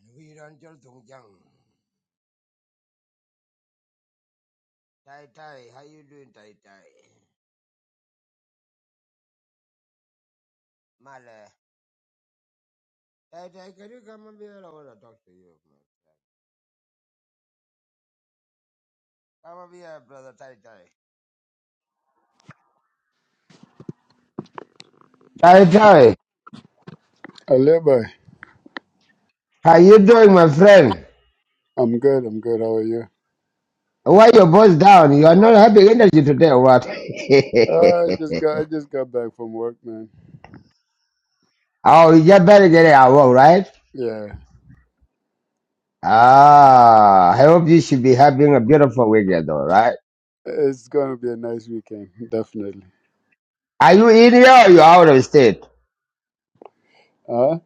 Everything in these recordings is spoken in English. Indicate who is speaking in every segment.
Speaker 1: And we run till Tungjang. Tai Tai, how you doing, Tai Tai? Male. Tai Tai, can you come up here? I want to talk to you, man. Come up here, brother Tai Tai. Tai Tai,
Speaker 2: Aleba,
Speaker 1: how you doing, my friend?
Speaker 2: I'm good. I'm good. How are you?
Speaker 1: Why your voice down? You are not having energy today, or what?
Speaker 2: Uh, I just got I just got back from work, man.
Speaker 1: oh, you just better get it out, well, right?
Speaker 2: Yeah,
Speaker 1: Ah, I hope you should be having a beautiful weekend, though, right?
Speaker 2: it's gonna be a nice weekend, definitely.
Speaker 1: Are you in here or you are out of state?
Speaker 2: Huh?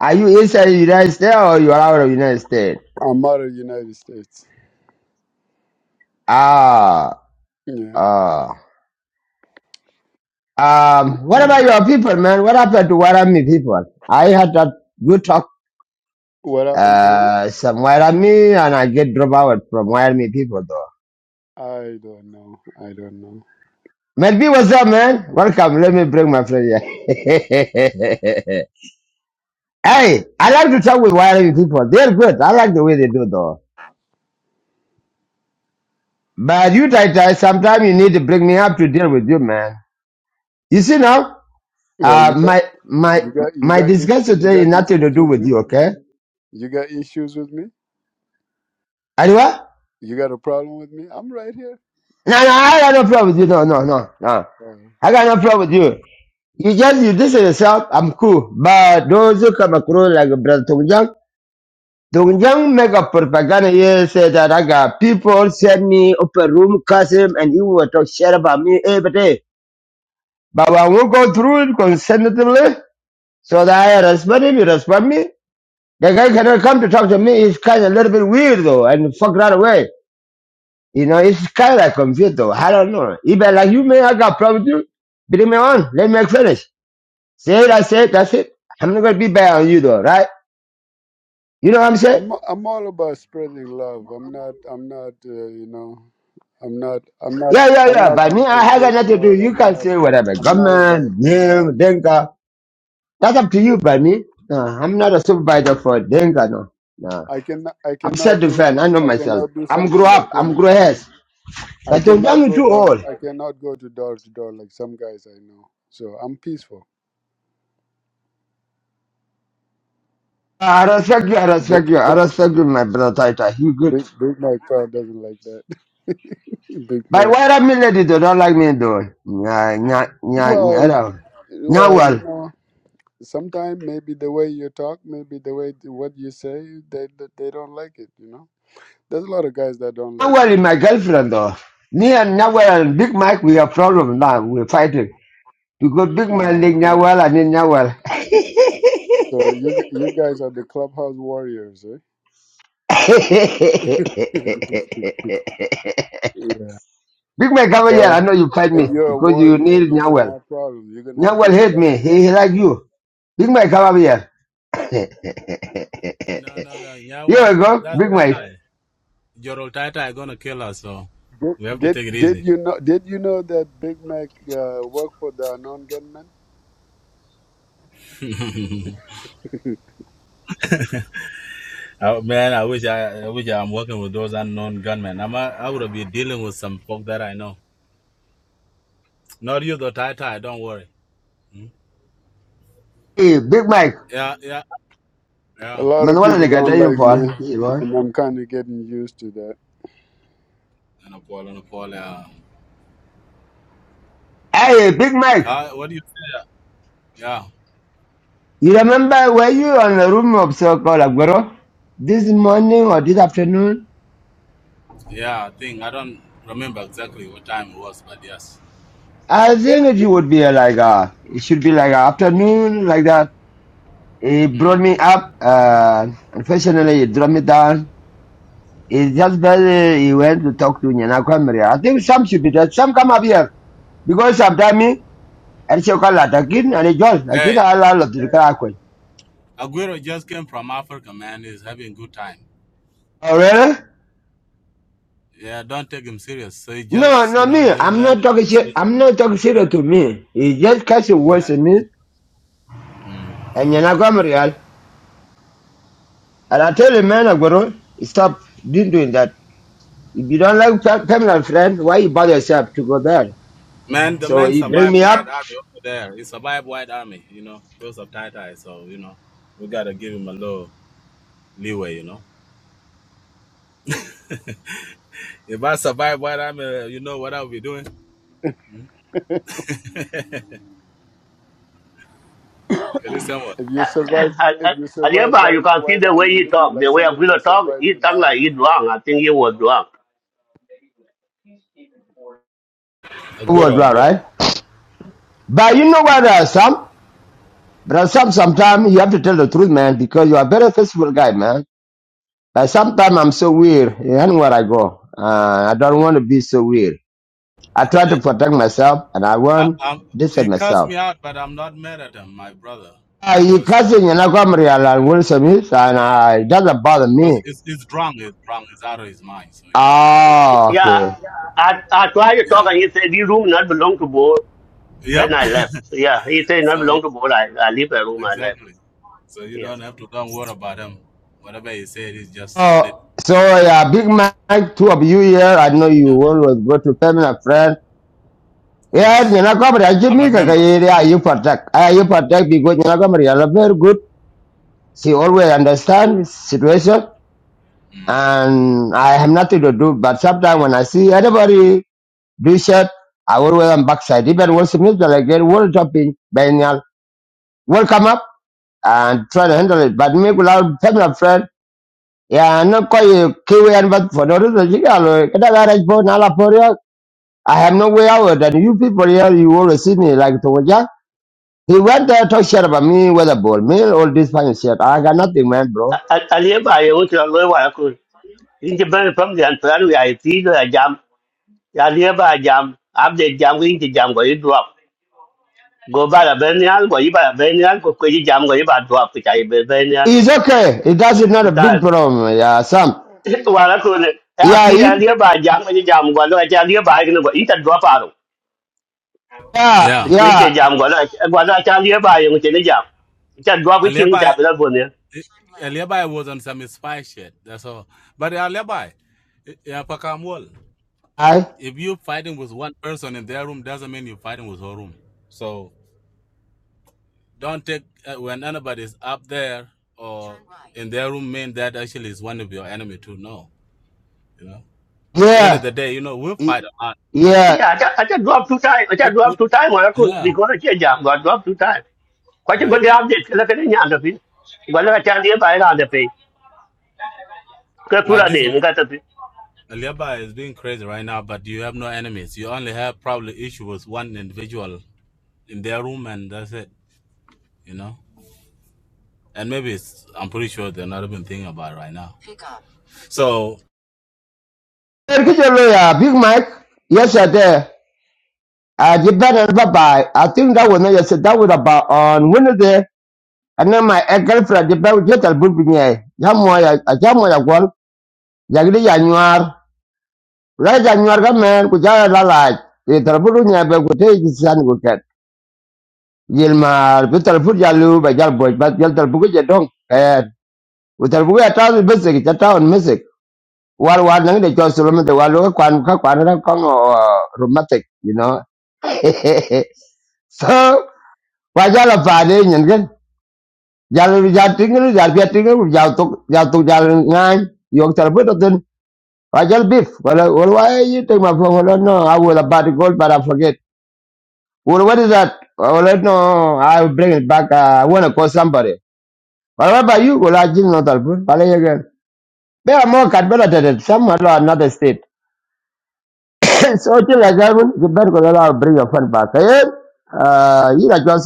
Speaker 1: Are you inside the United States or you are out of the United States?
Speaker 2: I'm out of United States.
Speaker 1: Ah.
Speaker 2: Yeah.
Speaker 1: Uh, um, what about your people, man? What happened to Warami people? I had that good talk
Speaker 2: What happened to who?
Speaker 1: uh, some Warami and I get dropped out from Warami people, though.
Speaker 2: I don't know. I don't know.
Speaker 1: Melby, what's up, man? Welcome. Let me bring my friend here. hey, I like to talk with Warami people. They're good. I like the way they do, though. But you, Tai Tai, sometimes you need to bring me up to deal with you, man. You see now,
Speaker 2: Well,
Speaker 1: uh,
Speaker 2: you got
Speaker 1: my my
Speaker 2: you got you
Speaker 1: my
Speaker 2: got issues,
Speaker 1: discussion
Speaker 2: you
Speaker 1: today
Speaker 2: got
Speaker 1: is nothing to
Speaker 2: issues
Speaker 1: do
Speaker 2: with
Speaker 1: with
Speaker 2: me.
Speaker 1: you, okay?
Speaker 2: You got issues with me.
Speaker 1: Anyway?
Speaker 2: You got a problem with me. I'm right here.
Speaker 1: No, no, I got no problem with you. No, no, no, no.
Speaker 2: Uh,
Speaker 1: I got no problem with you. You just you this to yourself. I'm cool. But those who come across like Brother Tongjang, Tongjang make a propaganda here say that I got people send me open room, curse him, and he will talk shit about me every day. But when we go through it consecutively, so that I respect him, he respect me. The guy cannot come to talk to me. He's kind of a little bit weird though, and fuck right away. You know, it's kind of like computer. I don't know. Even like you, man, I got problem too. Bring me on. Let me finish. Say it, I say it. that's it. I'm not going to be bad on you though, right? You know what I'm saying?
Speaker 2: I'm I'm all about spreading love. I'm not I'm not uh, you know I'm not I'm not
Speaker 1: Yeah, yeah,
Speaker 2: I'm
Speaker 1: yeah.
Speaker 2: not
Speaker 1: By me, I have got nothing to do.
Speaker 2: confrontational.
Speaker 1: You
Speaker 2: I'm
Speaker 1: can
Speaker 2: not
Speaker 1: say whatever.
Speaker 2: I'm not about,
Speaker 1: Government,
Speaker 2: you know.
Speaker 1: Deng, Denka. That's up to you, by me. No, I'm not a supervisor for Denka, no. No.
Speaker 2: I can I
Speaker 1: I'm
Speaker 2: cannot do
Speaker 1: self-defense. I know
Speaker 2: I
Speaker 1: myself.
Speaker 2: cannot do
Speaker 1: I'm grow
Speaker 2: something like
Speaker 1: up.
Speaker 2: you.
Speaker 1: I'm grow heads.
Speaker 2: I
Speaker 1: But don't
Speaker 2: cannot
Speaker 1: young
Speaker 2: go
Speaker 1: too
Speaker 2: door
Speaker 1: old.
Speaker 2: I cannot go to door to door like some guys I know. So I'm peaceful.
Speaker 1: I respect you. I
Speaker 2: Big
Speaker 1: respect you. I
Speaker 2: Big
Speaker 1: respect you, my brother Taita. You good.
Speaker 2: Big, Big Mac crowd doesn't like that. Big
Speaker 1: But
Speaker 2: Mac.
Speaker 1: white army lady they don't like me though. Nya nya nya nya
Speaker 2: Well,
Speaker 1: da.
Speaker 2: well, you
Speaker 1: Nyawal.
Speaker 2: know, sometimes maybe the way you talk, maybe the way what you say, they they they don't like it. You know, there's a lot of guys that don't like
Speaker 1: Nyawal is
Speaker 2: me.
Speaker 1: my girlfriend though. Me and Nyawal and Big Mike we have problem now. We're fighting. Because Big Mike like
Speaker 2: Uh-huh.
Speaker 1: Nyawal and then Nyawal.
Speaker 2: So you g- you guys are the clubhouse warriors, eh? yeah.
Speaker 1: Big Mike come here, I
Speaker 2: Well,
Speaker 1: know you fight me
Speaker 2: if you're a
Speaker 1: because you
Speaker 2: warrior,
Speaker 1: need
Speaker 2: you're
Speaker 1: Nyawal.
Speaker 2: gonna have problems. You're gonna have
Speaker 1: Nyawal
Speaker 2: people
Speaker 1: hate
Speaker 2: that
Speaker 1: me.
Speaker 2: don't
Speaker 1: He,
Speaker 2: like
Speaker 1: he
Speaker 2: you.
Speaker 1: like you. Big Mike come over here. here
Speaker 3: No, no, no.
Speaker 1: we
Speaker 3: Nyawal, that
Speaker 1: go,
Speaker 3: that
Speaker 1: Big
Speaker 3: tai
Speaker 1: Mike.
Speaker 3: tai. Jorol tai tai gonna kill us, so
Speaker 2: Right?
Speaker 3: we
Speaker 2: Did,
Speaker 3: have to take it
Speaker 2: did did
Speaker 3: easy.
Speaker 2: you know did you know that Big Mac uh, worked for the non gunmen?
Speaker 3: Uh, man, I wish I, I wish I'm working with those unknown gunmen. I'm a, I would be dealing with some folk that I know. Not you, though, tai tai. Don't worry. Hmm?
Speaker 1: Hey, Big Mike.
Speaker 3: Yeah, yeah,
Speaker 2: a
Speaker 3: yeah.
Speaker 2: lot
Speaker 1: Man,
Speaker 2: of
Speaker 1: what are they
Speaker 2: people
Speaker 1: got that
Speaker 2: don't
Speaker 1: you
Speaker 2: like me,
Speaker 1: for? Hey, boy.
Speaker 2: and I'm kind of getting used to that.
Speaker 3: And a Paul, and Paul. Yeah.
Speaker 1: Hey, Big Mike.
Speaker 3: Uh, what do you say? Yeah,
Speaker 1: You remember, were you on the room of so-called Aguero this morning or this afternoon?
Speaker 3: yeah. I think I don't remember exactly what time it was, but yes.
Speaker 1: I think it would be like a, it should be like a afternoon like that. He
Speaker 3: Mm.
Speaker 1: brought me up, uh, unfortunately he dropped me down. It's just better he went to talk to Nyanakwa Maria. I think some should be there. Some come up here because sometimes me, and she call that again and it just like it
Speaker 3: Hey,
Speaker 1: all all of the Kakwe.
Speaker 3: Aguero just came from Africa, man. He's having a good time.
Speaker 1: Oh really?
Speaker 3: Yeah, don't take him serious. So he
Speaker 1: No,
Speaker 3: just,
Speaker 1: no,
Speaker 3: you know,
Speaker 1: me.
Speaker 3: just
Speaker 1: I'm not
Speaker 3: landed.
Speaker 1: talking shit. I'm not talking shit to me. He just catch the words to me.
Speaker 3: Mm.
Speaker 1: And you're not going real. And I tell the man, Agoro, stop doing doing that. If you don't like fa- family and friends, why you bother yourself to go there?
Speaker 3: Man, the
Speaker 1: So
Speaker 3: man
Speaker 1: you bring
Speaker 3: survived
Speaker 1: me up,
Speaker 3: White Army over there. He survived White Army, you know, because of tie tie. So, you know, we gotta give him a little leeway, you know. If I survive White Army, uh, you know what I'll be doing? It is someone.
Speaker 2: If you survive, if you survive
Speaker 4: Aliaba, you
Speaker 2: White
Speaker 4: can see
Speaker 2: White
Speaker 4: the
Speaker 2: Army,
Speaker 4: way he
Speaker 2: you'll be
Speaker 4: talk,
Speaker 2: like
Speaker 4: the way i
Speaker 2: somebody that
Speaker 4: talk,
Speaker 2: survived
Speaker 4: he
Speaker 2: Bin
Speaker 4: talk
Speaker 2: Laden.
Speaker 4: like he's wrong. I think he was wrong.
Speaker 3: A
Speaker 1: it
Speaker 3: good
Speaker 1: was
Speaker 3: or
Speaker 1: right,
Speaker 3: good.
Speaker 1: right? But you know what, uh, Sam? But Sam, sometimes you have to tell the truth, man, because you are a very faithful guy, man. But sometimes I'm so weird anywhere I go. Uh, I don't want to be so weird. I try to
Speaker 3: Uh,
Speaker 1: protect myself, and I
Speaker 3: I,
Speaker 1: want
Speaker 3: I'm,
Speaker 1: this
Speaker 3: he
Speaker 1: and
Speaker 3: cussed
Speaker 1: myself.
Speaker 3: me out, but I'm not mad at him, my brother,
Speaker 1: Uh, you
Speaker 3: because
Speaker 1: cousin,
Speaker 3: uh,
Speaker 1: you're not going real, and Wilson is, and uh, it doesn't bother me.
Speaker 3: because it's, it's drunk. It's drunk. It's out of his mind. So you don't have to worry about
Speaker 1: Ah,
Speaker 3: that.
Speaker 4: Yeah,
Speaker 1: okay.
Speaker 4: I, I tried to talk
Speaker 3: Yeah.
Speaker 4: and he said, this room not belong to board. Then
Speaker 3: Yep.
Speaker 4: I left. Yeah, he said not
Speaker 3: So
Speaker 4: belong to board. I, I leave the room, I left.
Speaker 3: Exactly. So you
Speaker 4: Yes.
Speaker 3: don't have to don't worry about them. Whatever he said is just
Speaker 1: Oh,
Speaker 3: lit.
Speaker 1: so yeah, Big Mike, two of you here. I know you
Speaker 3: Yeah.
Speaker 1: always go to family and friend. Yeah, you
Speaker 3: Yes.
Speaker 1: know, come I give
Speaker 3: I'm
Speaker 1: me
Speaker 3: a
Speaker 1: kaka
Speaker 3: member.
Speaker 1: you protect. I you protect because you know, come here, you're very good. She always understand situation,
Speaker 3: Mm.
Speaker 1: and I have nothing to do. But sometimes when I see anybody do shit, I always am backside. Even when Smith I get world jumping, Daniel, will come up and try to handle it. But me, without family and friend. Yeah, not quite a KWN, but for the reason, you know, get a garage for Nala for you. I have no way out, and you people here, you always see me like to Wajak. He went there to talk shit about me, weather ball, me, all this funny shit. I got nothing, man, bro.
Speaker 4: Aliaba, you want to know why I could. In the very from the Antonio, I see the jam. Aliaba jam. Update jam, in the jam, where you drop. Go by the Benial, go by the Benial, go by the jam, go by drop, which I be Benial.
Speaker 1: It's okay. It doesn't not a big problem, yeah, Sam.
Speaker 4: wala ko ne ya
Speaker 1: Yeah,
Speaker 4: ti da
Speaker 1: he,
Speaker 4: liya ba jam ni jam gwa lo cha liya ba ni gwa ita dwa pa ro
Speaker 1: yeah,
Speaker 4: de
Speaker 3: Yeah.
Speaker 4: ku ke
Speaker 1: yeah,
Speaker 4: jam gwa lo gwa lo cha liya ba yo ke ne jam cha dwa ku chi cha
Speaker 3: Alibi
Speaker 4: ba bo ne
Speaker 3: eh, Alibi was on some spy shit. That's all. But Alibi, yeah, Pakamwal.
Speaker 1: I,
Speaker 3: If you're fighting with one person in their room, doesn't mean you're fighting with her room. So don't take uh, when anybody's up there or in their room, mean that actually is one of your enemy too. No, you know. End of
Speaker 1: yeah,
Speaker 3: the day, you know, we'll fight
Speaker 1: he-
Speaker 3: a lot, but
Speaker 1: yeah.
Speaker 4: ya cha cha dwa tu tai cha
Speaker 3: with,
Speaker 4: dwa
Speaker 3: with,
Speaker 4: tu tai wala ko
Speaker 3: yeah,
Speaker 4: ni ko che jam gwa dwa tu tai kwa chi gwa
Speaker 3: Right.
Speaker 4: de update la ke ne nya da pi gwa lo cha liya ba ra da pe ka tu
Speaker 3: Now
Speaker 4: ra
Speaker 3: this Ali
Speaker 4: de ka ta pi
Speaker 3: Aliaba is being crazy right now, but you have no enemies. You only have probably issue with one individual in their room and that's it, you know? And maybe it's, I'm pretty sure they're not even thinking about it right now. So,
Speaker 1: Hey, get your lawyer, Big Mike, yesterday, I did better, bye bye. I think that was not yesterday, that was about on Wednesday. ana my a girlfriend de bawo je talbul bi nye ya mo ya a ja mo ya gol ya gidi ya nyuar la ja nyuar ga men ku ja la la e talbul nya be ku te ji san ku ket yel ma bi talbul ya lu ba jal boj ba jal talbul je dong eh u talbul ya ta bi se ki ta on music war war nang de jo solo me de war lo kwan ka kwan ra kon uh, romantic you know so wa ja la fa de nyen gen jal ja tingu jal pia tingu jal tok jal tok jal ngai yok talbul I just beef. Well, well, why you take my phone? Well, no, I was about to call, but I forget. Well, what is that? Well, no, I'll bring it back. Uh, I want to call somebody. Well, what about you? Well, I just not helpful. Well, again. There are more converted somewhere or another state. so till I get you better go. I'll bring your phone back. Hey, uh, you like some.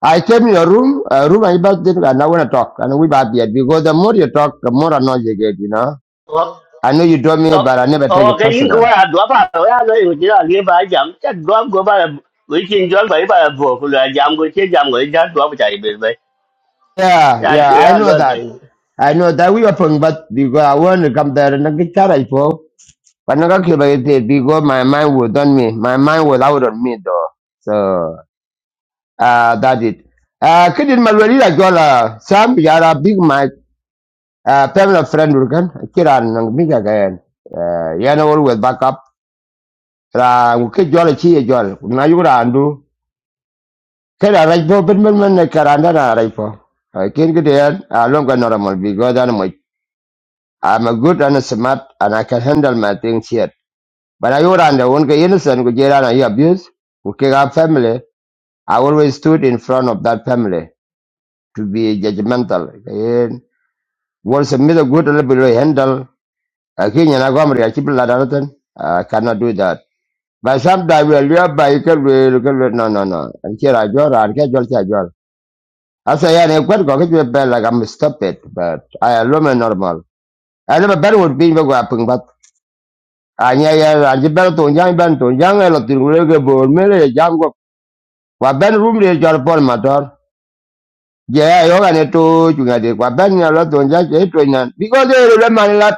Speaker 1: I came in your room, uh, room I back there, and I want to talk, and we bad yet because the more you talk, the more annoyed you get, you know.
Speaker 4: o
Speaker 1: I know you told me,
Speaker 4: o
Speaker 1: but I never take
Speaker 4: o
Speaker 1: it
Speaker 4: ke yin
Speaker 1: personal.
Speaker 4: ko ya dwa pa ro ya lo yo cha liya ba jam cha dwa go ba วิจินย้อนไปไปบวกเลยยามกูเชี่ยยามกูจะดวงใจ
Speaker 1: Yeah,
Speaker 4: Yeah, I,
Speaker 1: yeah, I
Speaker 4: yeah, I
Speaker 1: know
Speaker 4: love that.
Speaker 1: that. I know that we open, but because I want to come there and get charged for. But not okay, but because my mind was on me. My mind was out on me though. So uh that it. Uh kidin malwali la gola sam yara big mic uh permanent friend urgan kiran nang big again. Uh yana always back up. Ra ke jola chi e jol. Na yura andu. Kera right for ben ben ben karanda na right for. I can't get there. I don't got normal because I'm I'm a good and a smart and I can handle my things here. But I would under one guy innocent go jail and you abuse, who kick our family. I always stood in front of that family to be judgmental. And once a middle good a little bit handle, a king and a gomery, a chip lad I cannot do that. But sometimes we are by you can we look at no no no. And here I draw and catch your catch your. I say I quite go get you a bell like I'm stupid, but I am normal. I never better would be go up anya ya anji ben to jang ben to jang lo ke bor me le jang ben rum le jor pol motor je yo ga to chu ga de wa ben ya lo to jang je to nan bi de le man la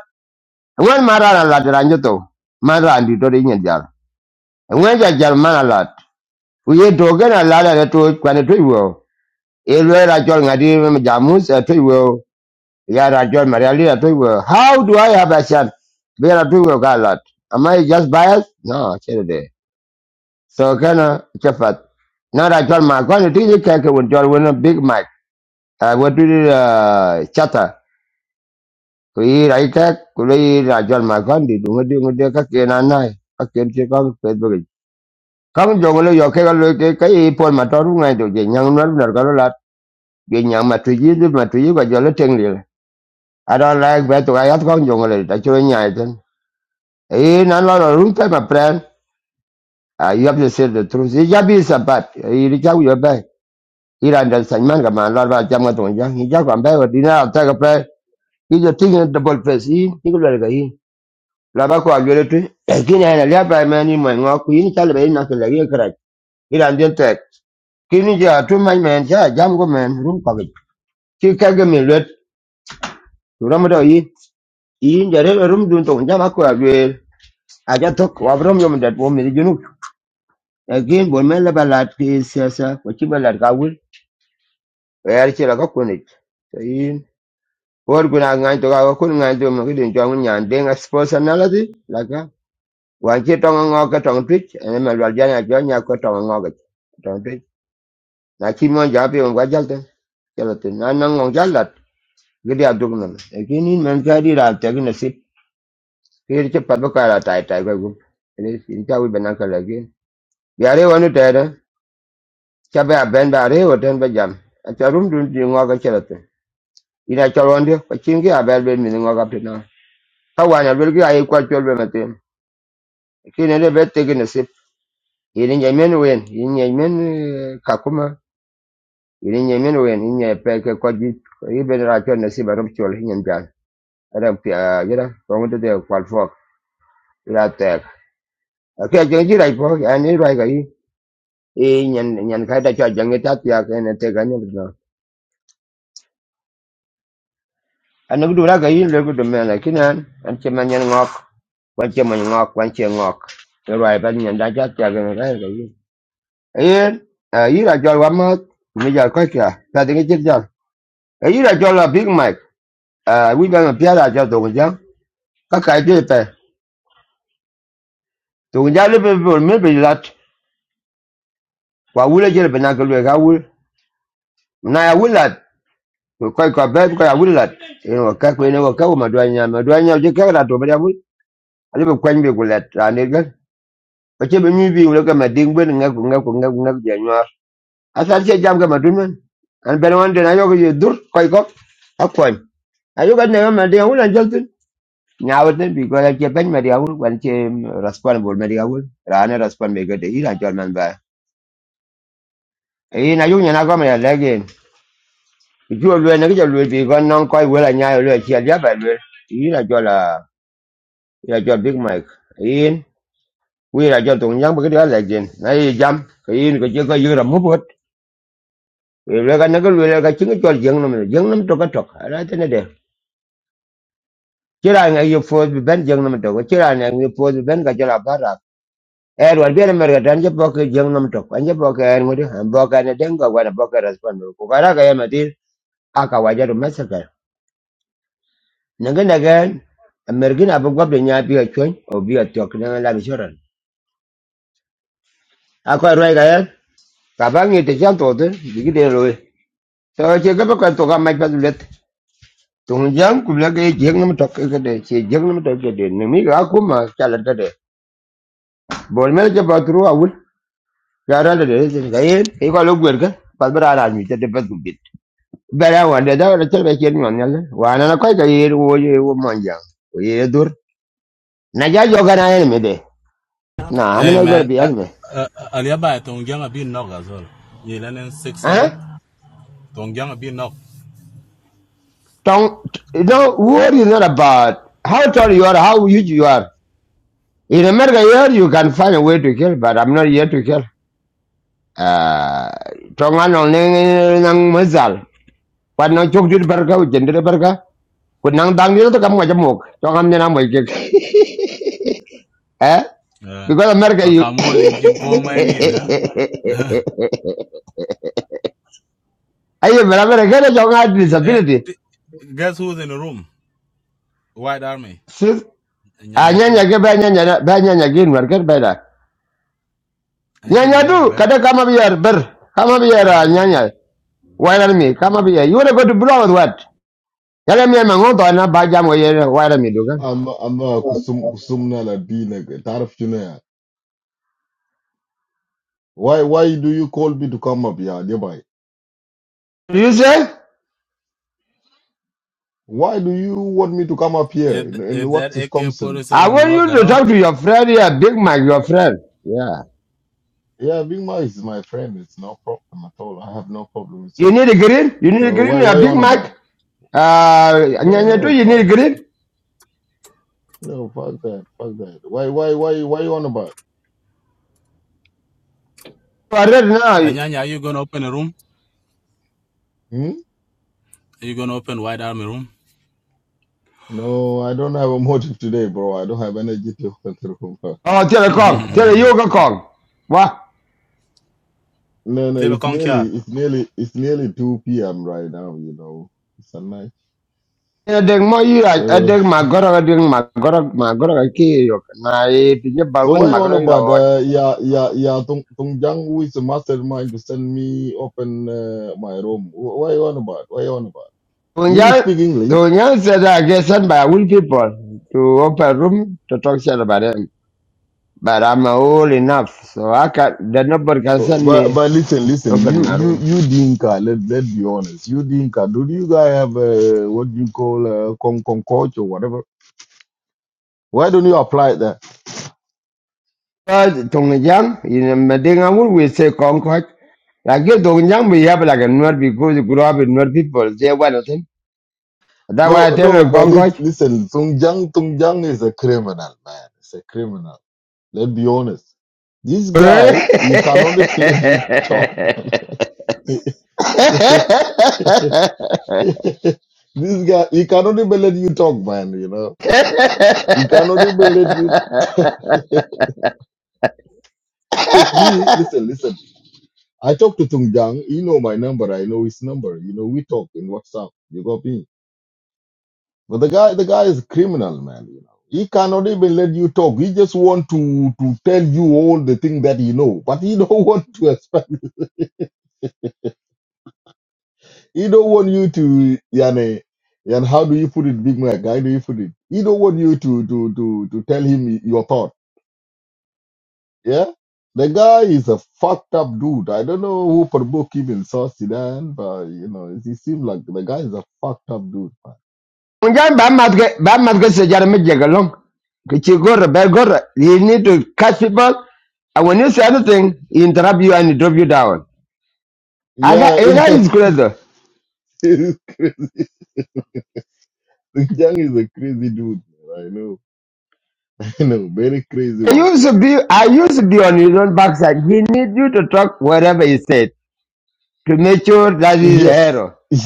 Speaker 1: wan mara la la dran to mara andi to de nyen jar wan ja jar man la u ye to ga na la la to kwa ne to wo e lo ra jor ga me jamu se to wo ya ra jor maria li to wo how do i have a chance be ra to wo ga la am i just biased no chere So can uh, chafat. Not I told my when it is a cake when you win a big Mac. I went to the uh, chata. Kui I kek, kui rai jol ma kon Did dunga di ngudi ka kien I ka kien chi kong Facebook. i. Kong jong lo yo ke ka lo ke ka i pon ma toru ngai do je Young man, nar ka lo lat, je nyang ma tuji di ma tuji ka jol I don't like that. I have kong jong lo ta chue nyai ten. E nan lo lo rung pe ma pren. Uh, you have to say the truth. It just be sabat. It just will back. Iran dan Salman ka man lar ba jam ga don ja ni ja kan ba di na ta ka pa i jo ting double face i ni ko le ga i la ba ko alwe tu e ki na na la ba ma ni ma ngwa ku ni ta le ba na ka le ga ra Iran den ta ki ni ja tu ma men ja jam go men rum ka ga ki ka ga men le tu ra ma do i i ja re rum dun to ja ma ko alwe a ja to ko abram yo me dat wo me di junu e ki bon men la ba la ti sesa ko chi ba la ka wul e ar chi la ka ko ni Wor guna ngany to ga kun ngany to mo kidin chong nyan ding as personality laka wan chi tong ngo ka tong twitch ene ma lwal jana jo nya ko tong ngo ka tong twitch na chi mo ja pi ngwa jal ten jal ten na nang ngong jal lat gidi aduk nam e kini man ka di ra ta gina sit kir che pa ka ra tai tai ga gum ene sin ta wi banan ka lagi yare wanu ta da cha ba ben ba re o ten ba jam a cha rum dun di ngo ka jal ten ina cha ron di ko chin ki a bel ben mi ngo ka pi na ka wan ya bel ki ai kwa chol be ma Kini ne be tegi ne sip. Ini wen. Ini nye eh, kakuma. Ini nye men wen. Ini nye peke kwa jit. Ibe ne racho ne sip chol hinyan jan. Adam pi jira. Kongo te te kwal fok. Ira tek. Akia jeng jira ipo. Ani rai ka yi. E nyan nyan kai ta cha jeng ta pia ke ne te ka ne bdo. Anu bdo ra ka yi le bdo me na kinan. An che man nyan ngok. Kwan che man ngok. Kwan che ngok. Rai pa nyan da cha pia ke ne ka yi. Ayen. Ira jol wamat. Mijal koi kia. Kati ngi chit ja e yira cho la big mic uh, we gonna pia da cho dong jang ka kai de pe dong jang le pe pe me pe lat kwa wule je pe na ke le ga wul na ya wul lat ko kai ka be ko ya wul lat you know ka ko ne ko ka ma dwa nya ma dwa nya je ka da to be ya wul ale be kwan be ko lat ra ne ga ko che be mi bi wule ka ma ding be nga ko nga ko nga ko nga je nya asan che jam ka ma dun men an be wan de na yo ko je dur kai ko akwan ayo ga ne ma de wul an jal nyaawde mbi gola ke ben mari awul wan ke raspal bol mari awul rana raspal me gade ira jol man ba e na yu nyana go me lege ju lu ne ge lu bi gon non koy wala nyaayo lu ke ya ba lu ira jol a ira jol big mike in wi ira jol tong yang ba gade lege na yi jam ke in ko je ko yura mu bot e le ga ne ge lu le ga chinga jol jeng nam jeng nam to ka tok ara te ne de kira nga yu fo ben jeng nam to ko kira nga yu fo ben ga jol Er wan biene mer gatan je boke jeng nom tok. Anje boke en ngudi han boke ne dengo wana boke respond. Ku kara ga yema dir aka wajaru masaka. Nanga naga mergin abu gobe nya biya chon o biya tok na la bishoran. Akwa roi ga yat kabangi te jam to de digi de roi. So che ga boke to ga mai padulet. Tung jang ku la ga jeng nom tok ga de che jeng nom tok ga de nimi ga kuma chala de de. Bol mer je bakru awul. Gara de de zin ga yen. Ko lo gwer ga. Pal bara ra mi te de pa Bara wanda da wanda talba ke ni wannan le. Wa na kai ka yir wo ye wo manja. Wo ye dur. Na ja jo ga na yen me de. Na I'm
Speaker 3: hey
Speaker 1: not going to
Speaker 3: man,
Speaker 1: be
Speaker 3: uh,
Speaker 1: anime.
Speaker 3: uh, Aliaba, Tongjanga be knock as well. You learning six,
Speaker 1: Huh?
Speaker 3: seven? Tongjanga be knock.
Speaker 1: Don't you know worry is not about how tall you are, how huge you are. In America here you can find a way to kill, but I'm not here to kill. Uh, tonga no ne nang mazal. Kwa no chok dir barka u jender barka. Ku nang dang dir to kam ga jamok. Tonga ne na mo ke. Eh?
Speaker 3: Uh,
Speaker 1: Because America you
Speaker 3: Makamuali, Jin Paul Mighty, huh?
Speaker 1: aye barabara gana jonga had
Speaker 3: Hey,
Speaker 1: disability
Speaker 3: t- guess who's in the room? White Army,
Speaker 1: sis
Speaker 3: Nyanya
Speaker 1: anyanya
Speaker 3: too.
Speaker 1: ke banyanya banyanya gin warker beda
Speaker 3: Anjin
Speaker 1: nyanya du
Speaker 3: manguk
Speaker 1: kada kama biyar ber kama biyar ah, nyanya wailer me kama biyar you wanna go to blow with what yale me mango to na ba jam ye wailer me dugan
Speaker 5: I'm I'm uh, kusum kusumna la dina tarif you know. Why why do you call me to come up here, nearby?
Speaker 1: you say
Speaker 5: Why do you want me to come up here?
Speaker 3: If
Speaker 5: In, in
Speaker 3: if
Speaker 5: what
Speaker 3: that AK forty
Speaker 5: circumstance?
Speaker 1: i
Speaker 3: seven
Speaker 1: want
Speaker 3: work
Speaker 1: you
Speaker 3: at
Speaker 1: to
Speaker 3: all,
Speaker 1: talk to your friend here big mac your friend yeah
Speaker 5: Yeah, Big Ma is my friend. It's no problem at all. I have no problem with
Speaker 1: you
Speaker 5: him.
Speaker 1: need a green you need a
Speaker 5: So
Speaker 1: green
Speaker 5: why
Speaker 1: a
Speaker 5: why you
Speaker 1: big
Speaker 5: on
Speaker 1: mac
Speaker 5: about?
Speaker 1: uh
Speaker 5: No
Speaker 1: nyanya du
Speaker 5: no
Speaker 1: you need
Speaker 5: fuck
Speaker 1: a green
Speaker 5: no fuck that fuck that. Why why why why you on about?
Speaker 1: Or red now
Speaker 3: Anyanya, are you gonna open a room?
Speaker 5: Hmm?
Speaker 3: Are you gonna open White Army room?
Speaker 5: No, I don't have a motive today, bro. I don't have energy to go through.
Speaker 1: oh telecom
Speaker 5: I cannot.
Speaker 1: tele yoga kong wa
Speaker 5: No, no,
Speaker 3: Tilo
Speaker 5: it's
Speaker 3: Kongchar.
Speaker 5: nearly, it's nearly, it's nearly 2 p.m. right now, you know. It's a night.
Speaker 1: Adek mo yu
Speaker 5: So,
Speaker 1: adek magoro adek magoro magoro ki yok na e pinye
Speaker 5: so
Speaker 1: balun
Speaker 5: why I want
Speaker 1: magoro yu
Speaker 5: about,
Speaker 1: lawa.
Speaker 5: uh, yeah, yeah, yeah, Tung, Tung Jang, who is a mastermind to send me open uh, my room. Wh- What I want about? Why I want about? You
Speaker 1: Tunjal
Speaker 5: speak English?
Speaker 1: Tunjal said I get sent by old people to open room to talk shit about them. But I'm old enough, so I can the nobody can
Speaker 5: Oh,
Speaker 1: send
Speaker 5: But,
Speaker 1: me
Speaker 5: but listen,
Speaker 1: to
Speaker 5: listen,
Speaker 1: open
Speaker 5: you,
Speaker 1: my
Speaker 5: you,
Speaker 1: room.
Speaker 5: you Dinka, let, let be honest. You Dinka, do you guys have, uh, what you call, uh, con- concourse or whatever? Why don't you apply that?
Speaker 1: But Tunjang in Medinga wood we say Concord. Like you Tunjang we have like a nerd because you grew up with nerd people. They want nothing. That's why I
Speaker 5: No,
Speaker 1: tell
Speaker 5: no,
Speaker 1: you
Speaker 5: but
Speaker 1: Concord.
Speaker 5: lis- listen, Sung Jang, Sung Jang is a criminal, man. It's a criminal. Let's be honest. This guy, he cannot even let you talk. this guy, he cannot even let you talk, man, you know. He cannot even let you, because me, listen, listen. I talk to Sung Jang, he know my number, I know his number. You know, we talk in WhatsApp. You got me? But the guy, the guy is a criminal, man. You know, he cannot even let you talk. He just want to to tell you all the thing that he know, but he don't want to expect. He don't want you to, yani, and how do you put it, Big Mac? How do you put it? He don't want you to to to to tell him your thought. Yeah, the guy is a fucked up dude. I don't know who provoked him in South Sudan, but you know, he seems like the guy is a fucked up dude, man.
Speaker 1: Unjan You need to catch people. And when you say anything, he interrupt you and he drop you down. I
Speaker 5: Yeah,
Speaker 1: got you
Speaker 5: yeah,
Speaker 1: guys good though.
Speaker 5: he's crazy. Young is a crazy dude. man. I know. you know, very crazy
Speaker 1: I
Speaker 5: one.
Speaker 1: used to be I used to be on his own backside. He need you to talk whatever he said to make sure that he's a
Speaker 5: Yes,
Speaker 1: hero.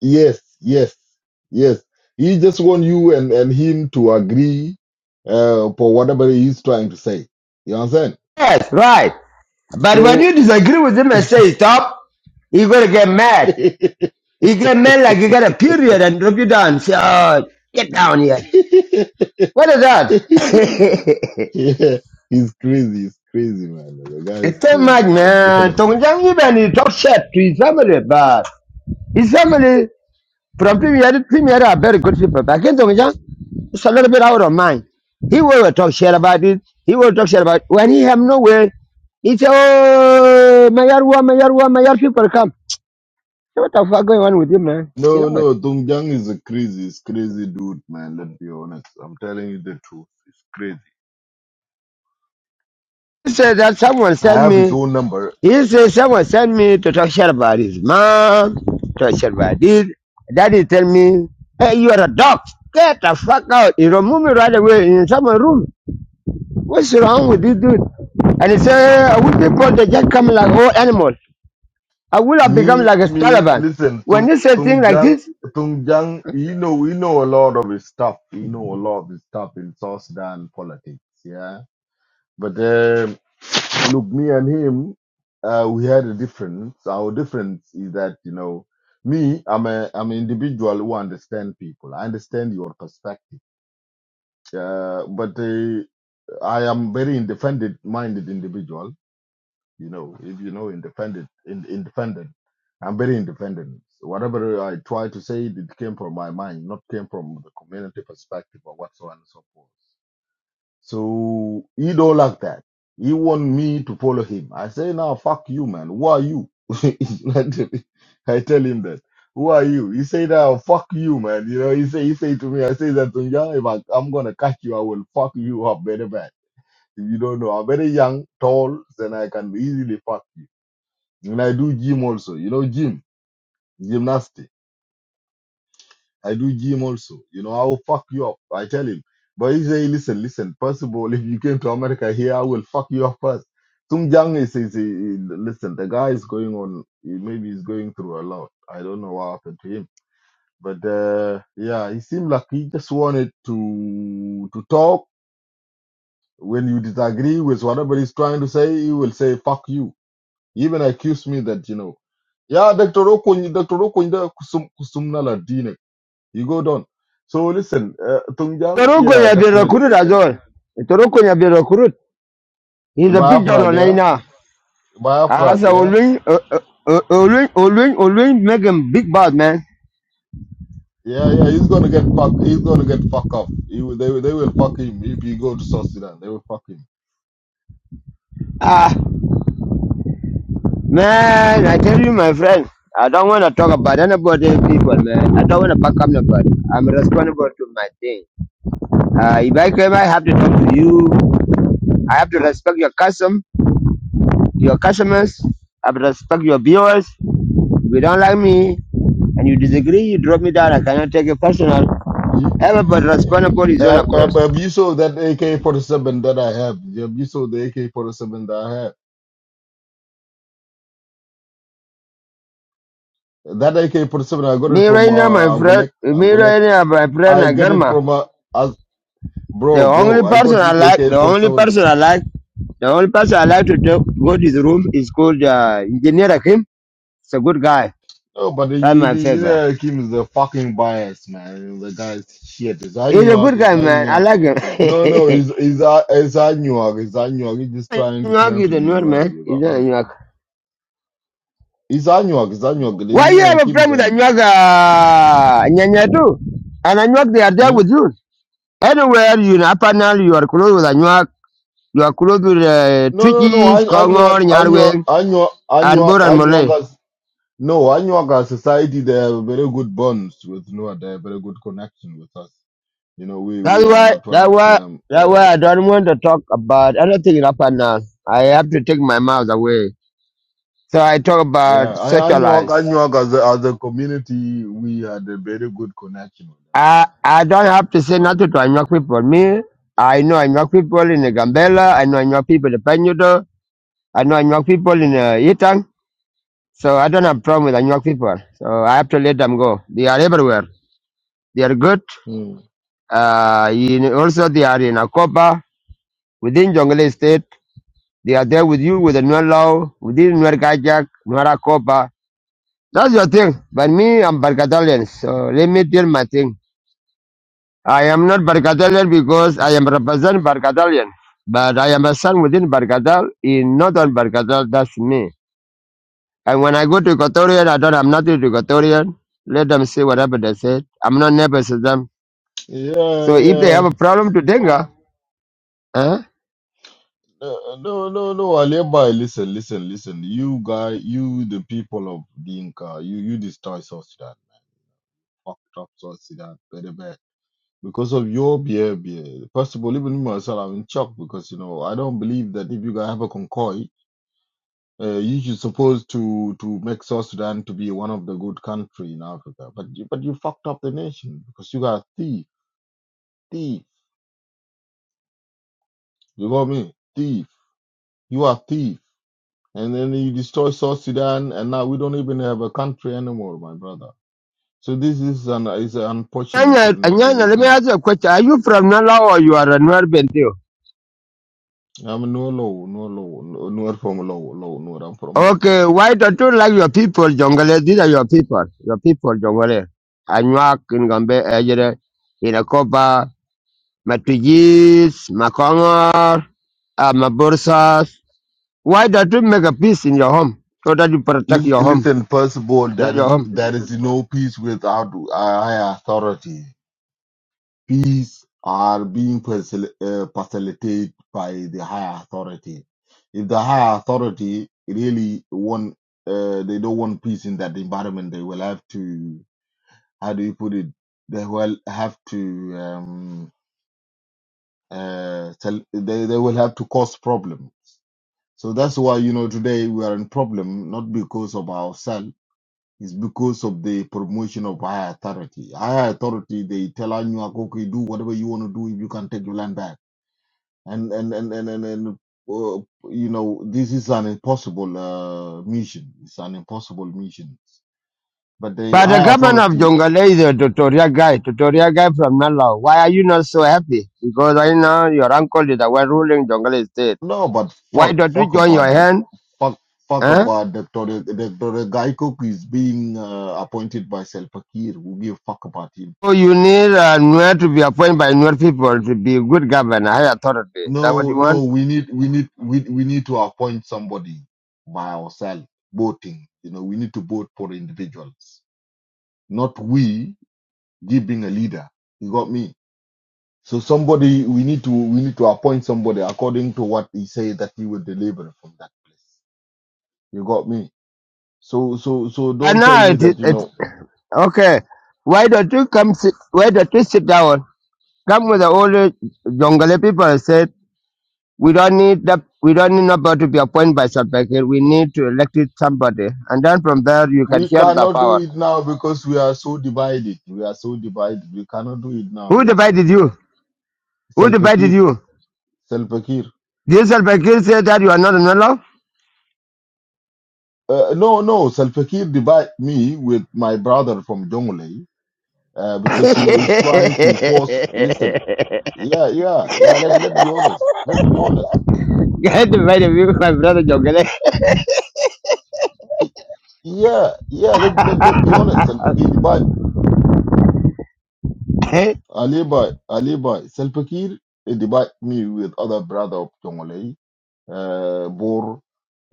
Speaker 5: yes, yes, yes. He just want you and, and him to agree uh, for whatever he's trying to say. You understand?
Speaker 1: Yes, right. But when
Speaker 5: So,
Speaker 1: you disagree with him and say stop, you gonna get mad.
Speaker 5: yeah,
Speaker 1: You get men like you got a period and drop you down. Say, oh, get down here. What is that?
Speaker 5: he's crazy. He's crazy, man. The guy is
Speaker 1: it's too much,
Speaker 5: crazy. Let's be
Speaker 1: man.
Speaker 5: honest.
Speaker 1: Tongjang even he talk shit to his family, but his family from premier to premier are very good people. But again, Tongjang is a little bit out of mind. He will talk shit about it. He will talk shit about when he have nowhere. He say, oh, Mayarwa, Mayarwa, Mayar people come. What the fuck going on with you, man? Chill
Speaker 5: No,
Speaker 1: out.
Speaker 5: no, Tung Jang is a crazy, he's crazy dude, man. Let's be honest. I'm telling you the truth. He's crazy.
Speaker 1: He said that someone
Speaker 5: I
Speaker 1: sent
Speaker 5: have his
Speaker 1: me.
Speaker 5: own number.
Speaker 1: He says, someone sent me to talk shit about his mom, talk shit about this. Daddy tell me, hey, you are a dog. Get the fuck out. He removed me right away in someone's room. What's wrong with this dude? And he said, we people, they just come like old animals. I will have become
Speaker 5: Me,
Speaker 1: like a
Speaker 5: me,
Speaker 1: Taliban.
Speaker 5: listen,
Speaker 1: When
Speaker 5: Tung
Speaker 1: you say things
Speaker 5: Tung
Speaker 1: like
Speaker 5: Jang,
Speaker 1: this,
Speaker 5: Tung Jang, you know, we know a lot of his stuff. We know a lot of his stuff in South Sudan politics, yeah. But um look, me and him, uh, we had a difference. Our difference is that you know, me, I'm a, I'm an individual who understand people. I understand your perspective. Uh, but uh, I am very independent-minded individual you know, if you know independent, in, independent, I'm very independent. So whatever I try to say, it came from my mind, not came from the community perspective or whatsoever. so and so forth. So he don't like that. He want me to follow him. I say now, fuck you, man. Who are you? I tell him that. Who are you? He say now, fuck you, man. You know, he say he say to me, I say that to him, "Yeah, if I, I'm gonna catch you, I will fuck you up very bad. If you don't know, I'm very young, tall, then I can easily fuck you. And I do gym also. You know, gym, gymnastic. I do gym also. You know, I will fuck you up. I tell him. But he say, listen, listen. First of all, if you came to America here, I will fuck you up first. Sung Jang is, is, is- listen, the guy is going on, he- maybe he's going through a lot. I don't know what happened to him. But, uh, yeah, he seemed like he just wanted to, to talk. When you disagree with whatever he's trying to say, he will say, fuck you He even accused me that, you know, yeah, Dr. Okony, Dr. Okony, kusum, kusum na la dine. You go down. So listen, uh, Tungjang,
Speaker 1: Toroko
Speaker 5: yeah,
Speaker 1: has been
Speaker 5: definitely.
Speaker 1: recruited as well. Toroko has been recruited. He's a big
Speaker 5: Biafra,
Speaker 1: general right
Speaker 5: yeah,
Speaker 1: now. And I
Speaker 5: Biafra,
Speaker 1: said,
Speaker 5: yeah,
Speaker 1: Olwin, uh, uh, uh, Olwin, Olwin, Olwin make him big bad, man.
Speaker 5: yeah, yeah. He's gonna get fuck. He's gonna get fuck up. He, will- they, will- they will fuck him if he go to South Sudan. They will fuck him.
Speaker 1: Ah. Man, I tell you, my friend, I don't want to talk about anybody, people, man. I don't want to back up nobody. I'm responsible to my thing. Uh, if I came, I have to talk to you. I have to respect your custom, your customers. I have to respect your viewers. If you don't like me and you disagree, you drop me down. I cannot take it personal.
Speaker 5: You- you- you-
Speaker 1: Everybody responsible is on
Speaker 5: Have, have
Speaker 1: across.
Speaker 5: have you saw that AK-47 that I have? Have you saw the AK-47 that I have? That AK-47, I got it
Speaker 1: Me
Speaker 5: from
Speaker 1: right now, my
Speaker 5: uh,
Speaker 1: friend,
Speaker 5: Agolek.
Speaker 1: me
Speaker 5: Agolek.
Speaker 1: right now, my friend,
Speaker 5: I get it
Speaker 1: Agarma.
Speaker 5: from uh,
Speaker 1: The
Speaker 5: Bro,
Speaker 1: only
Speaker 5: bro, I
Speaker 1: person
Speaker 5: got
Speaker 1: I
Speaker 5: this
Speaker 1: like, the only
Speaker 5: AK-47.
Speaker 1: person I like, the only person I like to talk, go to his room is called uh, Engineer Akim. He's a good guy.
Speaker 5: No, but the
Speaker 1: That's
Speaker 5: you
Speaker 1: my favorite.
Speaker 5: know, Kim is a fucking bias, man. The guy's shit. It's
Speaker 1: He's a
Speaker 5: Anuak,
Speaker 1: good
Speaker 5: it's
Speaker 1: guy, man. I
Speaker 5: Anuak.
Speaker 1: like him.
Speaker 5: No, no, it's, it's, A- it's Anuak, it's Anuak. He's just trying to
Speaker 1: Anyuak
Speaker 5: claim to
Speaker 1: is a
Speaker 5: be
Speaker 1: nerd,
Speaker 5: Nuer.
Speaker 1: man.
Speaker 5: You
Speaker 1: He's
Speaker 5: got
Speaker 1: not
Speaker 5: me?
Speaker 1: Anyuak.
Speaker 5: It's Anuak, it's Anuak. Then,
Speaker 1: Why
Speaker 5: You
Speaker 1: you
Speaker 5: know,
Speaker 1: have a
Speaker 5: Kim's
Speaker 1: problem with
Speaker 5: Anuak.
Speaker 1: Anyuak, uh, Nyanya too? And Anyuak, they are there
Speaker 5: Hmm?
Speaker 1: with you. Anywhere you in Upper Nile, you are close with Anyuak. You are close with uh,
Speaker 5: No, no, no.
Speaker 1: Twitches,
Speaker 5: An-
Speaker 1: Kongor,
Speaker 5: Anuak, Anuak,
Speaker 1: Nyarwe,
Speaker 5: Anuak,
Speaker 1: and
Speaker 5: Anuak,
Speaker 1: Bur and Malay.
Speaker 5: Anuak has, no, Anuak as society, they have very good bonds with Nuer. They have very good connection with us. You know, we,
Speaker 1: That's
Speaker 5: we are
Speaker 1: why
Speaker 5: not
Speaker 1: that
Speaker 5: trying to
Speaker 1: why
Speaker 5: claim
Speaker 1: that
Speaker 5: uh,
Speaker 1: why I don't want to talk about anything in upper now. I have to take my mouth away. So I talk
Speaker 5: Yeah,
Speaker 1: about
Speaker 5: I
Speaker 1: social
Speaker 5: Anyak
Speaker 1: life.
Speaker 5: Anyak as a as a community we had a very good connection with them.
Speaker 1: I I don't have to say
Speaker 5: It's not.
Speaker 1: nothing to Anuak people. Me, I know Anuak people in the Gambela, I know Anuak people in Penyudo, I know Anuak people in uh, Yitang. So I don't have problem with Anuak people. So I have to let them go. They are everywhere. They are good.
Speaker 5: Mm.
Speaker 1: Uh, in, also they are in Akopa, within Jongle State. They are there with you with the Nuer Law, with this Nuer Kajak, Nuera Kopa. That's your thing. But me, I'm Barcatalian. So let me tell my thing. I am not Barcatalian because I am represent Barcatalian. But I am a son within Barcatal, in northern Barcatal, that's me. And when I go to Equatorian, I don't have nothing to Equatorian. Let them say whatever they said. I'm not nervous with them.
Speaker 5: Yeah,
Speaker 1: So if they have
Speaker 5: yeah.
Speaker 1: a problem to Denga, eh?
Speaker 5: Uh, No, no, no, Alibi, listen, listen, listen. You guy, you the people of Dinka, you you destroy South Sudan, fucked up South Sudan very bad because of your behavior. First of all, even myself, I'm in shock because you know I don't believe that if you guys have a concoy Uh, you are supposed to to make South Sudan to be one of the good country in Africa, but you, but you fucked up the nation because you are thief, thief. You got me, thief. You are thief, and then you destroy South Sudan, and now we don't even have a country anymore, my brother. So this is an is unfortunate,
Speaker 1: Anyanya,
Speaker 5: and then
Speaker 1: Anyanya,
Speaker 5: we
Speaker 1: let me
Speaker 5: can.
Speaker 1: ask you a question. Are you from Nala or you are a Nuer Bentio?
Speaker 5: I'm no low, no low, no, no from low, low, no, I'm from low.
Speaker 1: Okay, why don't you like your people, Jongole? These are your people, your people, Jongole. Anuak, Ngombe, Ejere, Inakopa, Matujis, Makongor, uh, Mabursas. Why don't you make a peace in your home so that you protect
Speaker 5: Lis-
Speaker 1: your home?
Speaker 5: Listen, first of all,
Speaker 1: That's
Speaker 5: there is
Speaker 1: your home.
Speaker 5: there is no peace without a higher authority. peace are being facil- uh, facilitated by the higher authority. If the higher authority really want, uh, they don't want peace in that environment, they will have to, how do you put it? They will have to, um, uh, tell, they, they will have to cause problems. So that's why, you know, today we are in problem, not because of ourselves. It's because of the promotion of higher authority. Higher authority, they tell Anuak, okay, do whatever you want to do if you can take your land back and and and and and, and uh, you know this is an impossible uh, mission. It's an impossible mission. But the
Speaker 1: But the
Speaker 5: high
Speaker 1: government of
Speaker 5: authority,
Speaker 1: Jongole is a tutorial guy, tutorial guy from Nalau. Why are you not so happy? Because right now your uncle is the one ruling Jongole state.
Speaker 5: no, but
Speaker 1: Why
Speaker 5: fuck,
Speaker 1: don't you
Speaker 5: fuck
Speaker 1: join your
Speaker 5: about the
Speaker 1: hand?
Speaker 5: fuck, fuck
Speaker 1: Eh?
Speaker 5: about Doctor Doctor Gaikok is being uh, appointed by Selpakir. We give a fuck about him.
Speaker 1: So you need uh, Nuer to be appointed by Nuer people to be good governor, high authority. Is that what
Speaker 5: No,
Speaker 1: you
Speaker 5: no,
Speaker 1: want?
Speaker 5: we need we need we we need to appoint somebody by ourselves. Voting, you know, we need to vote for individuals, not we giving a leader. You got me? So somebody we need to we need to appoint somebody according to what he said that he will deliver from that place. You got me? So so so
Speaker 1: And
Speaker 5: don't tell
Speaker 1: now
Speaker 5: me
Speaker 1: it is,
Speaker 5: that you
Speaker 1: it,
Speaker 5: know
Speaker 1: okay. Why don't you come sit, why don't you sit down? Come with the old uh, Jongole people and said, we don't need that, we don't need nobody to be appointed by Shabakir. We need to elect it somebody. And then from there, you can
Speaker 5: we
Speaker 1: share the
Speaker 5: cannot do
Speaker 1: power.
Speaker 5: it now because we are so divided. We are so divided. We cannot do it now.
Speaker 1: Who
Speaker 5: We are so
Speaker 1: divided you?
Speaker 5: divided.
Speaker 1: Who divided
Speaker 5: Salfakir,
Speaker 1: you?
Speaker 5: Salfakir.
Speaker 1: Did Shabakir say that you are not a Nuer?
Speaker 5: Uh, no, no, Salfakir divide me with my brother from Jonglei uh, because you know he's trying to force. Listen, yeah, yeah, yeah. Let let be honest. Let be honest
Speaker 1: Get the very view, my brother Jogele.
Speaker 5: Yeah, yeah, let, let, let's be honest. Salva Kiir divide, Alibi, Alibi. Salva Kiir eh, divide me with other brother of Tongolei, uh, Bor,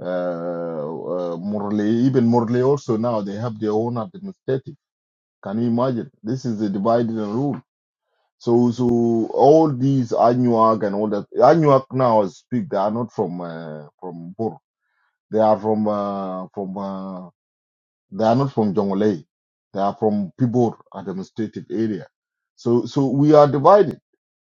Speaker 5: uh, uh, Morley, even Morley also now, they have their own administrative. Can you imagine? This is a divide and rule. So, so all these Anuak and all that, Anuak now speak, they are not from, uh, from Bor. They are from, uh, from, uh, They are not from Jonglei. They are from Pibor administrative area. So, so we are divided.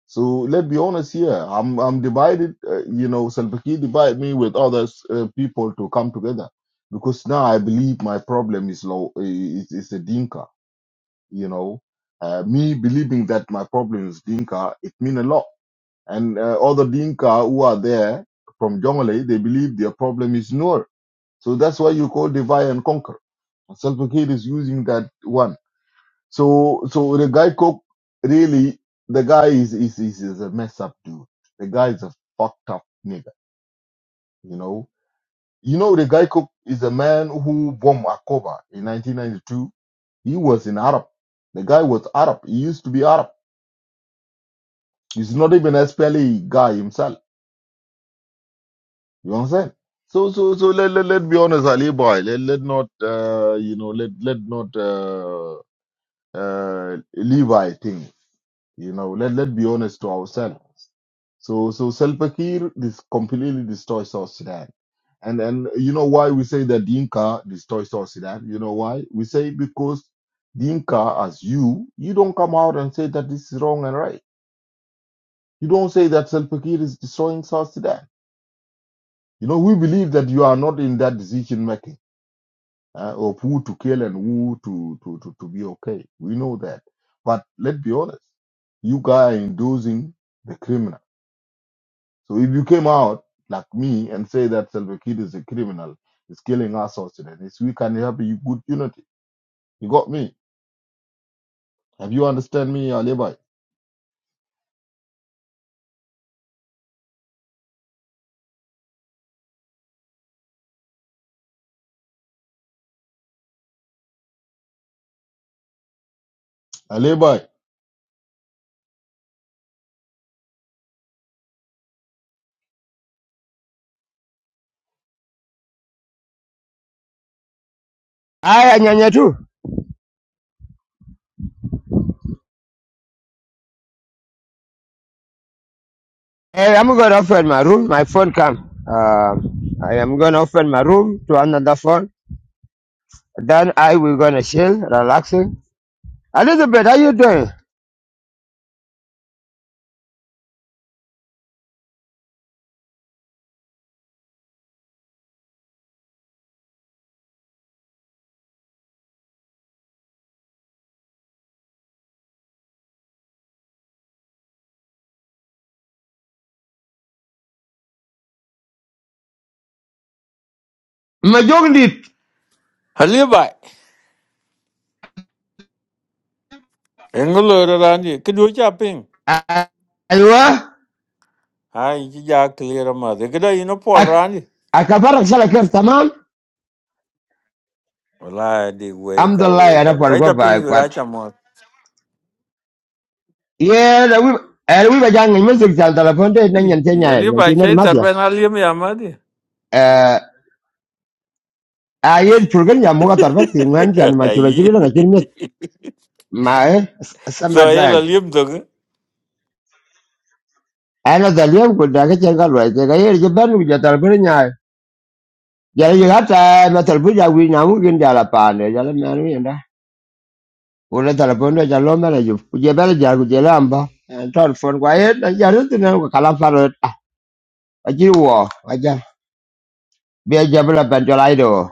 Speaker 5: So let's be honest here. I'm, I'm divided. Uh, you know, Salva Kiir divide me with others uh, people to come together because now I believe my problem is low, is, is a Dinka. You know, uh, me believing that my problem is Dinka, it mean a lot. And uh, other Dinka who are there from Jonglei, they believe their problem is Nur. So that's why you call divide and conquer Salva Kiir is using that one. So so the guy Cook really the guy is is is, is a mess up dude. The guy is a fucked up nigga. You know. You know the guy Cook is a man who bombed Akoba in 1992. He was in Arab. The guy was Arab. He used to be Arab. He's not even a SPLA guy himself. You understand? So so so let let, let be honest, Ali boy. Let let not uh you know let let not uh uh Levi thing. You know, let let's be honest to ourselves. So so Salva Kiir this completely destroys South Sudan. And and you know why we say that Dinka destroys South Sudan? You know why? We say because Dinka as you, you don't come out and say that this is wrong and right. You don't say that Salva Kiir is destroying South Sudan. You know, we believe that you are not in that decision making uh, of who to kill and who to, to, to, to be okay. We know that. But let's be honest, you guys are endorsing the criminal So if you came out like me and say that Salva Kiir is a criminal, is killing us South Sudanese, we can have a good unity. You got me? Have you understand me, Alibi? Alibi.
Speaker 1: Hi, Anyanya too. Hey, I'm gonna open my room. My phone come. Um, I am gonna open my room to another phone. Then I will gonna chill, relaxing. Elizabeth, how you doing? My Majoglit.
Speaker 6: Hello, bye. Engelo Randy, could you chapping?
Speaker 1: Aywa.
Speaker 6: Hi, Jack clear a mother. Could I know Paul Randy?
Speaker 1: Akabara sala kem tamam.
Speaker 6: Well, I did wake a
Speaker 1: Alhamdulillah,
Speaker 6: wake
Speaker 1: ana
Speaker 6: a kite
Speaker 1: pargo
Speaker 6: up in
Speaker 1: ba
Speaker 6: you got
Speaker 1: kwat.
Speaker 6: your mouth.
Speaker 1: Yeah, the we and we were young in music and the phone day nan yan tenya
Speaker 6: Hello,
Speaker 1: yan
Speaker 6: bye,
Speaker 1: tinar
Speaker 6: Chase, or
Speaker 1: madla.
Speaker 6: when I leave me a mother.
Speaker 1: Eh, ayen program ya muga tarbat yan yan ma chula chibila My
Speaker 6: So
Speaker 1: sama
Speaker 6: I'll
Speaker 1: time
Speaker 6: leave the
Speaker 1: ana da lem ko da ke ga jenga lo ke ga yer je ban mi jatar bur nya ya ye ga ta na tar bur ya wi na mu gin da la pa ne ya la ma ni nda o le tar bur ne ja lo ma ju ku je bel ja ku je la amba tor fon kwa ye da ja ru tu na ko kala fa ro ta a ji wo a ja be ja bla ban jo lai do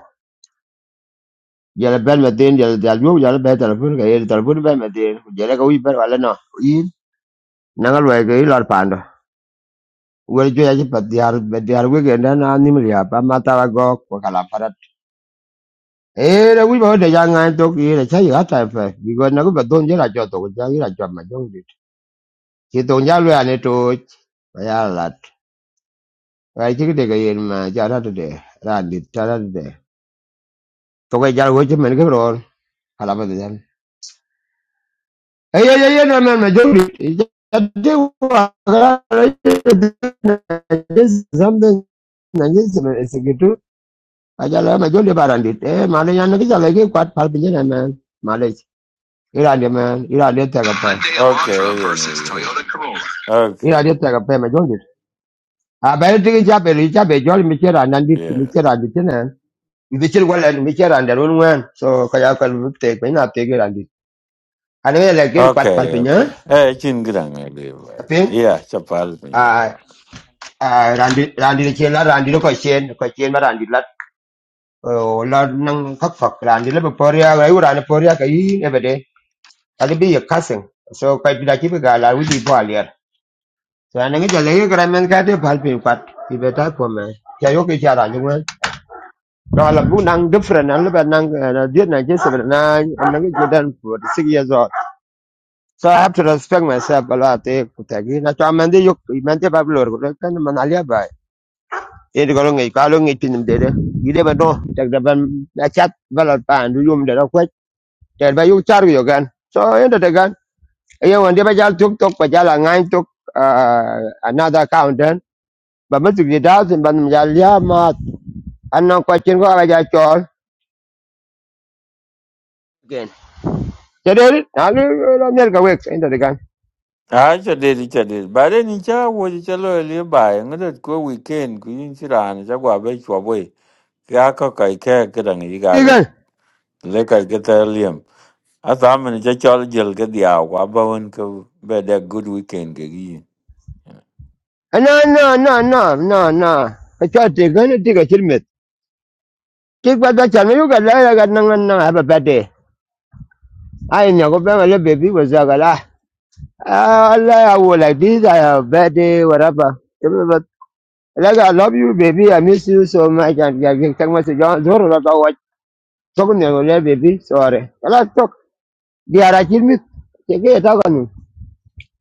Speaker 1: ya la ben me tin ya ya ju ya la be tar bur ga ye tar bur be me tin ku je la ga wi ber wa la no i na ga lo ke i lor pa Well, yeah, but they are, but they are wicked and animal, but matter go, Kalaparat. Eh, we were the young and talk here, a child at time, because now, but don't get a jot of Jagira Jama, don't it? She don't yell and it to Yalat. I think they get in my Jara today, Randy, Tara today. So I jar watch him and give all, Kalaparan. Eh, yeah, yeah, yeah, man, my joke. Something, and yes, it's a good Ajala ma jolli barandit. Eh, male yana kita lagi kuat kwat pal na man. Male. iran de man. iran dia tega pa.
Speaker 6: okay. yeah, yeah. Okay,
Speaker 1: Ira de tega pa ma jolli. A ba ri tigi chape ri chape jolli mi chera nandit
Speaker 6: yeah.
Speaker 1: mi chera dit na. Mi chera wala mi chera ndar un wan. So ka ya kan punya pe na te ki randit. Ana me la ki kwat pal
Speaker 6: Okay,
Speaker 1: pinje.
Speaker 6: okay. Hey, chin grang, I live.
Speaker 1: Ape.
Speaker 6: Yeah, chapal.
Speaker 1: A
Speaker 6: pin.
Speaker 1: a randit randit chela randit ko chen ko chen ma randit lat. O la nang khak khak randit la poria ga ura ne poria ka yi ali bi ya kasin so kai bi ki ga la wi bo alier so an jale ye gra ka de pal pin pat ki be po me ya yo ke ja ni wen no la bu nang different an ba nang de na je se na an ngi for 6 years old so i have to respect myself a lot eh ku ta gi na cha man yo man de ko kan man alia ba e de ko ngi ka lo ngi tin de de gi ba do tak da ban na chat ba pa ndu yum de da ko ter ba yu char yo gan so en de yo wonde ba jal tuk tok ba jal ngai tuk ah, another account then ba ma tuk da sin ban jal ya ma annan ko chin again jadi na lu la mer ka wek inda de gan
Speaker 6: Ah, cha dedi cha dedi. Ba de ni cha wo ji cha lo li ba e ngat ko weekend ku yin chi ran cha gwa be chwa boy. Ka ka kai ka ka dang yi ga ga. Le ka ka ta liam. A sa men cha chol jel ka dia wa ba won ko be da good weekend ke gi.
Speaker 1: no no no no no no I cha te gan te ka chirmet ke ba da chan yo ga la ya ga nan nan ha ba bade ai nya ko ba le baby wa za ga la Ah, Allah ya wo like this I have birthday whatever Give me that. Like, I love you, baby. I miss you so much. And I can take my Tokun ne wala baby sorry. Kala tok di ara chirmit cheke you kanu.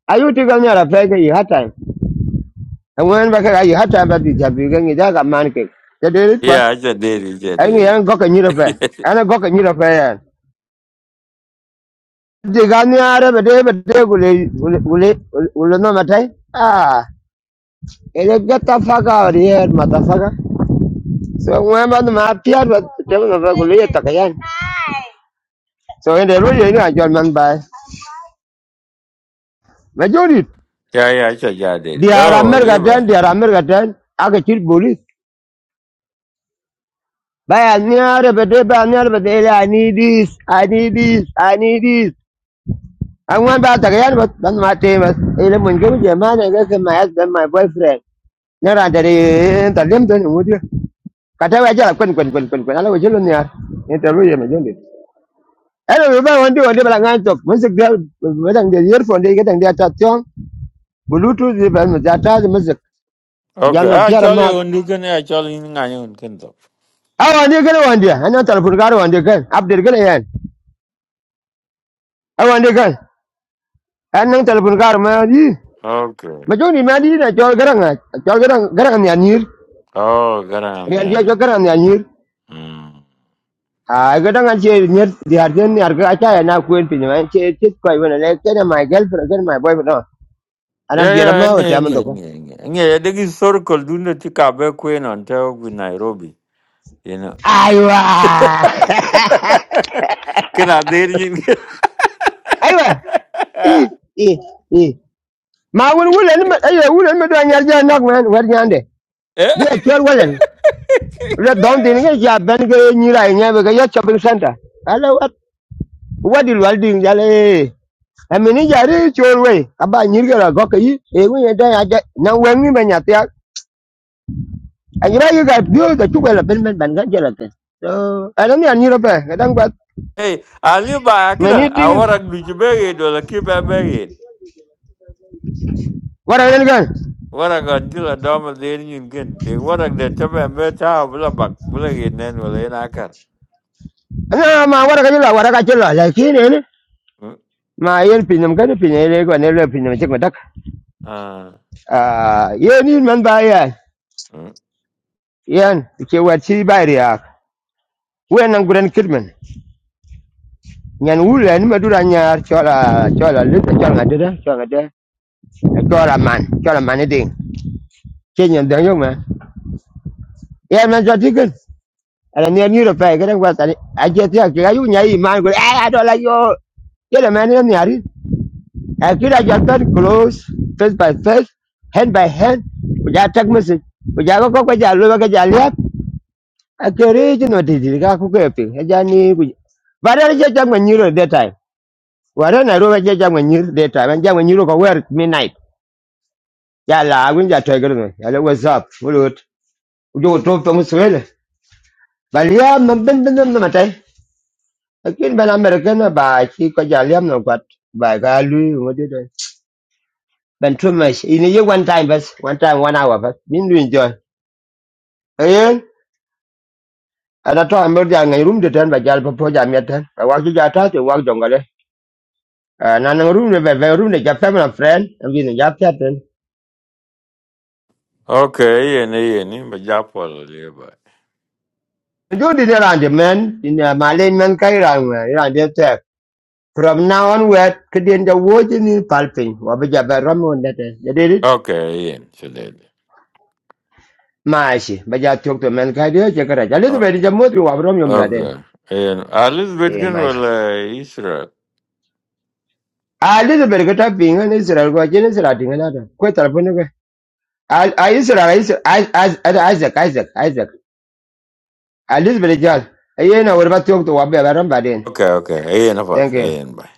Speaker 1: Ayu tiga ni ara fake i hatai. Angwen ba ka i hatai ba di jabi ga ni daga man ke. Te de rit pat.
Speaker 6: Yeah, I cha dedi cha
Speaker 1: Ai ni
Speaker 6: dedi.
Speaker 1: an goka ni rafa. Ana goka ni rafa ya. Di ga ni ara ba de ba de gule gule gule no matai. Ah. Ele gata faga ori er mata faga. So angwen ba ma piar ba te no ba gule ta kayan. So ende ro ye ni ajol man ba. Majority
Speaker 6: Yeah, yeah, cha cha dedi.
Speaker 1: Diyar
Speaker 6: Yo, li ba.
Speaker 1: Amerika'dan, Diyar Amerika'dan, aka kill police. By near but day by near but day, I need this, I need this, I need this. I went back again, but that's my team. Ele mun go with I guess my husband, my boyfriend. Nara da re ta lem don mu dia. Ka ta waje kun kun kun kun kun ala waje lon ya. Ne ta ruye me jonde. Ele ru ba wonde wonde bala ngan tok. Mun sik da wadan da earphone dai gadan da ta tion. Bluetooth dai ba mu ta ta mu sik. Jan
Speaker 6: Okay,
Speaker 1: no
Speaker 6: ah chol ye on du ken ah chol yin nga yon ken to.
Speaker 1: I want to Aw wande kan wande, an nan telefon kar wande kan, abdir kan yan. Aw wande kan, an nan telefon kar ma yi. Ma
Speaker 6: Okay.
Speaker 1: joni ma di na chol garang, a- chol garang garang ni anir.
Speaker 6: Oh, garam
Speaker 1: Ni an chol
Speaker 6: yan.
Speaker 1: garang ni anir.
Speaker 6: Mm.
Speaker 1: Ah, gadang an che nyer di harden ni arga acha ya na kuen pin ma che chit koi wona le ken my girlfriend ken my boyfriend. no. Ana biela
Speaker 6: Yeah, yeah,
Speaker 1: ma
Speaker 6: yeah,
Speaker 1: wata man
Speaker 6: yeah,
Speaker 1: to ko.
Speaker 6: yeah, yeah. Yeah, the historical do not take a back on talk with Nairobi, you know.
Speaker 1: Aiwa.
Speaker 6: Can I dare you?
Speaker 1: Aiwa. Eh eh eh. Ma wul wulen ma ayo wulen ma do anyar ja nak man wer nyande.
Speaker 6: Eh?
Speaker 1: Bi a chol wulen. la don din ga ja ben ga ni ra nya be ga ya Benga, Nira, never get your shopping center ala wat wadi wal din ja le amini ja ri chol we aba ni ga ra go ka yi e ngi ya da ya ja na wen ni ben ya ta a ni ra yi ga bio ga chu ga la ben i ben ga ja la ta so ala mi ani ra pe ga dang ba
Speaker 6: Hey, I live by
Speaker 1: meni
Speaker 6: Akran. I
Speaker 1: ding
Speaker 6: want to be buried or keep a buried.
Speaker 1: wara i ga
Speaker 6: What I got till a dom of the Indian kin. They want to get up and better how Bullabak, Bullagin, and will in Akar.
Speaker 1: na i wara ga la wara ga chi la la ki ne ne ma yen pinam ga ni pinai le ga ne le pinam chi ga dak
Speaker 6: Ah.
Speaker 1: a ye ni man ba ya
Speaker 6: mm.
Speaker 1: yan ke wa chi ba ri ya wen an gudan kidman nyan wula ni madura nyar chola chola lit chola ngadira chola chola man chola Manading, Kenyan, the young man ding chen nyan dang yong ma ya man jati kan ala ni ni ro pa ga ngwa tani a je ti ak ga yu nyai man go a do la yo ye la man ni ari a ki da jatan close face by face hand by hand ku ja tak message ku ja ko ko ja lo ga ja liap a ke re ji no ti ti ga ku ke pi ja ni ku ba da je tak man ni ro that time wara na roba ja jamwe nyir de ta ban jamwe nyiro ko wer midnight ya la awin ja to gerno ya le what's up ulot ujo to to muswele bal ya man ben ben na matai akin ban american ba ki ko ja liam no kwat ba ga lu ngode de ben too much ini ye one time bas one time one hour bas min lu enjoy ayen ada to amber ja ngai room de tan ba jal po po ja meten ba wa ki ja ta te wa jongale na na room ne be room ne ja family and friend ngin ja pet
Speaker 6: Okay, yeah, yeah, yeah, but Japol, yeah,
Speaker 1: You did around the man in a Malay man Kairan around the tech. From now onward, Kadin the watching in palping, or be a barom on that. is. You did it?
Speaker 6: okay, yeah, so that.
Speaker 1: Mashi, but you took the man Kadio, Jacaraj. A little
Speaker 6: Oh,
Speaker 1: bit is a motor of Romium that is.
Speaker 6: Okay. And all this
Speaker 1: in
Speaker 6: bitkin
Speaker 1: Mashi.
Speaker 6: wala isra.
Speaker 1: A little bit got up being an Israel, what Jen is writing another. Quite a point away. I Israel, Isaac, Isaac, Isaac, Isaac. A little bit, John. I know what about talk to Wabi Baram Badin.
Speaker 6: Okay. Okay. Aen
Speaker 1: Thank
Speaker 6: apat.
Speaker 1: you.
Speaker 6: Aen bye.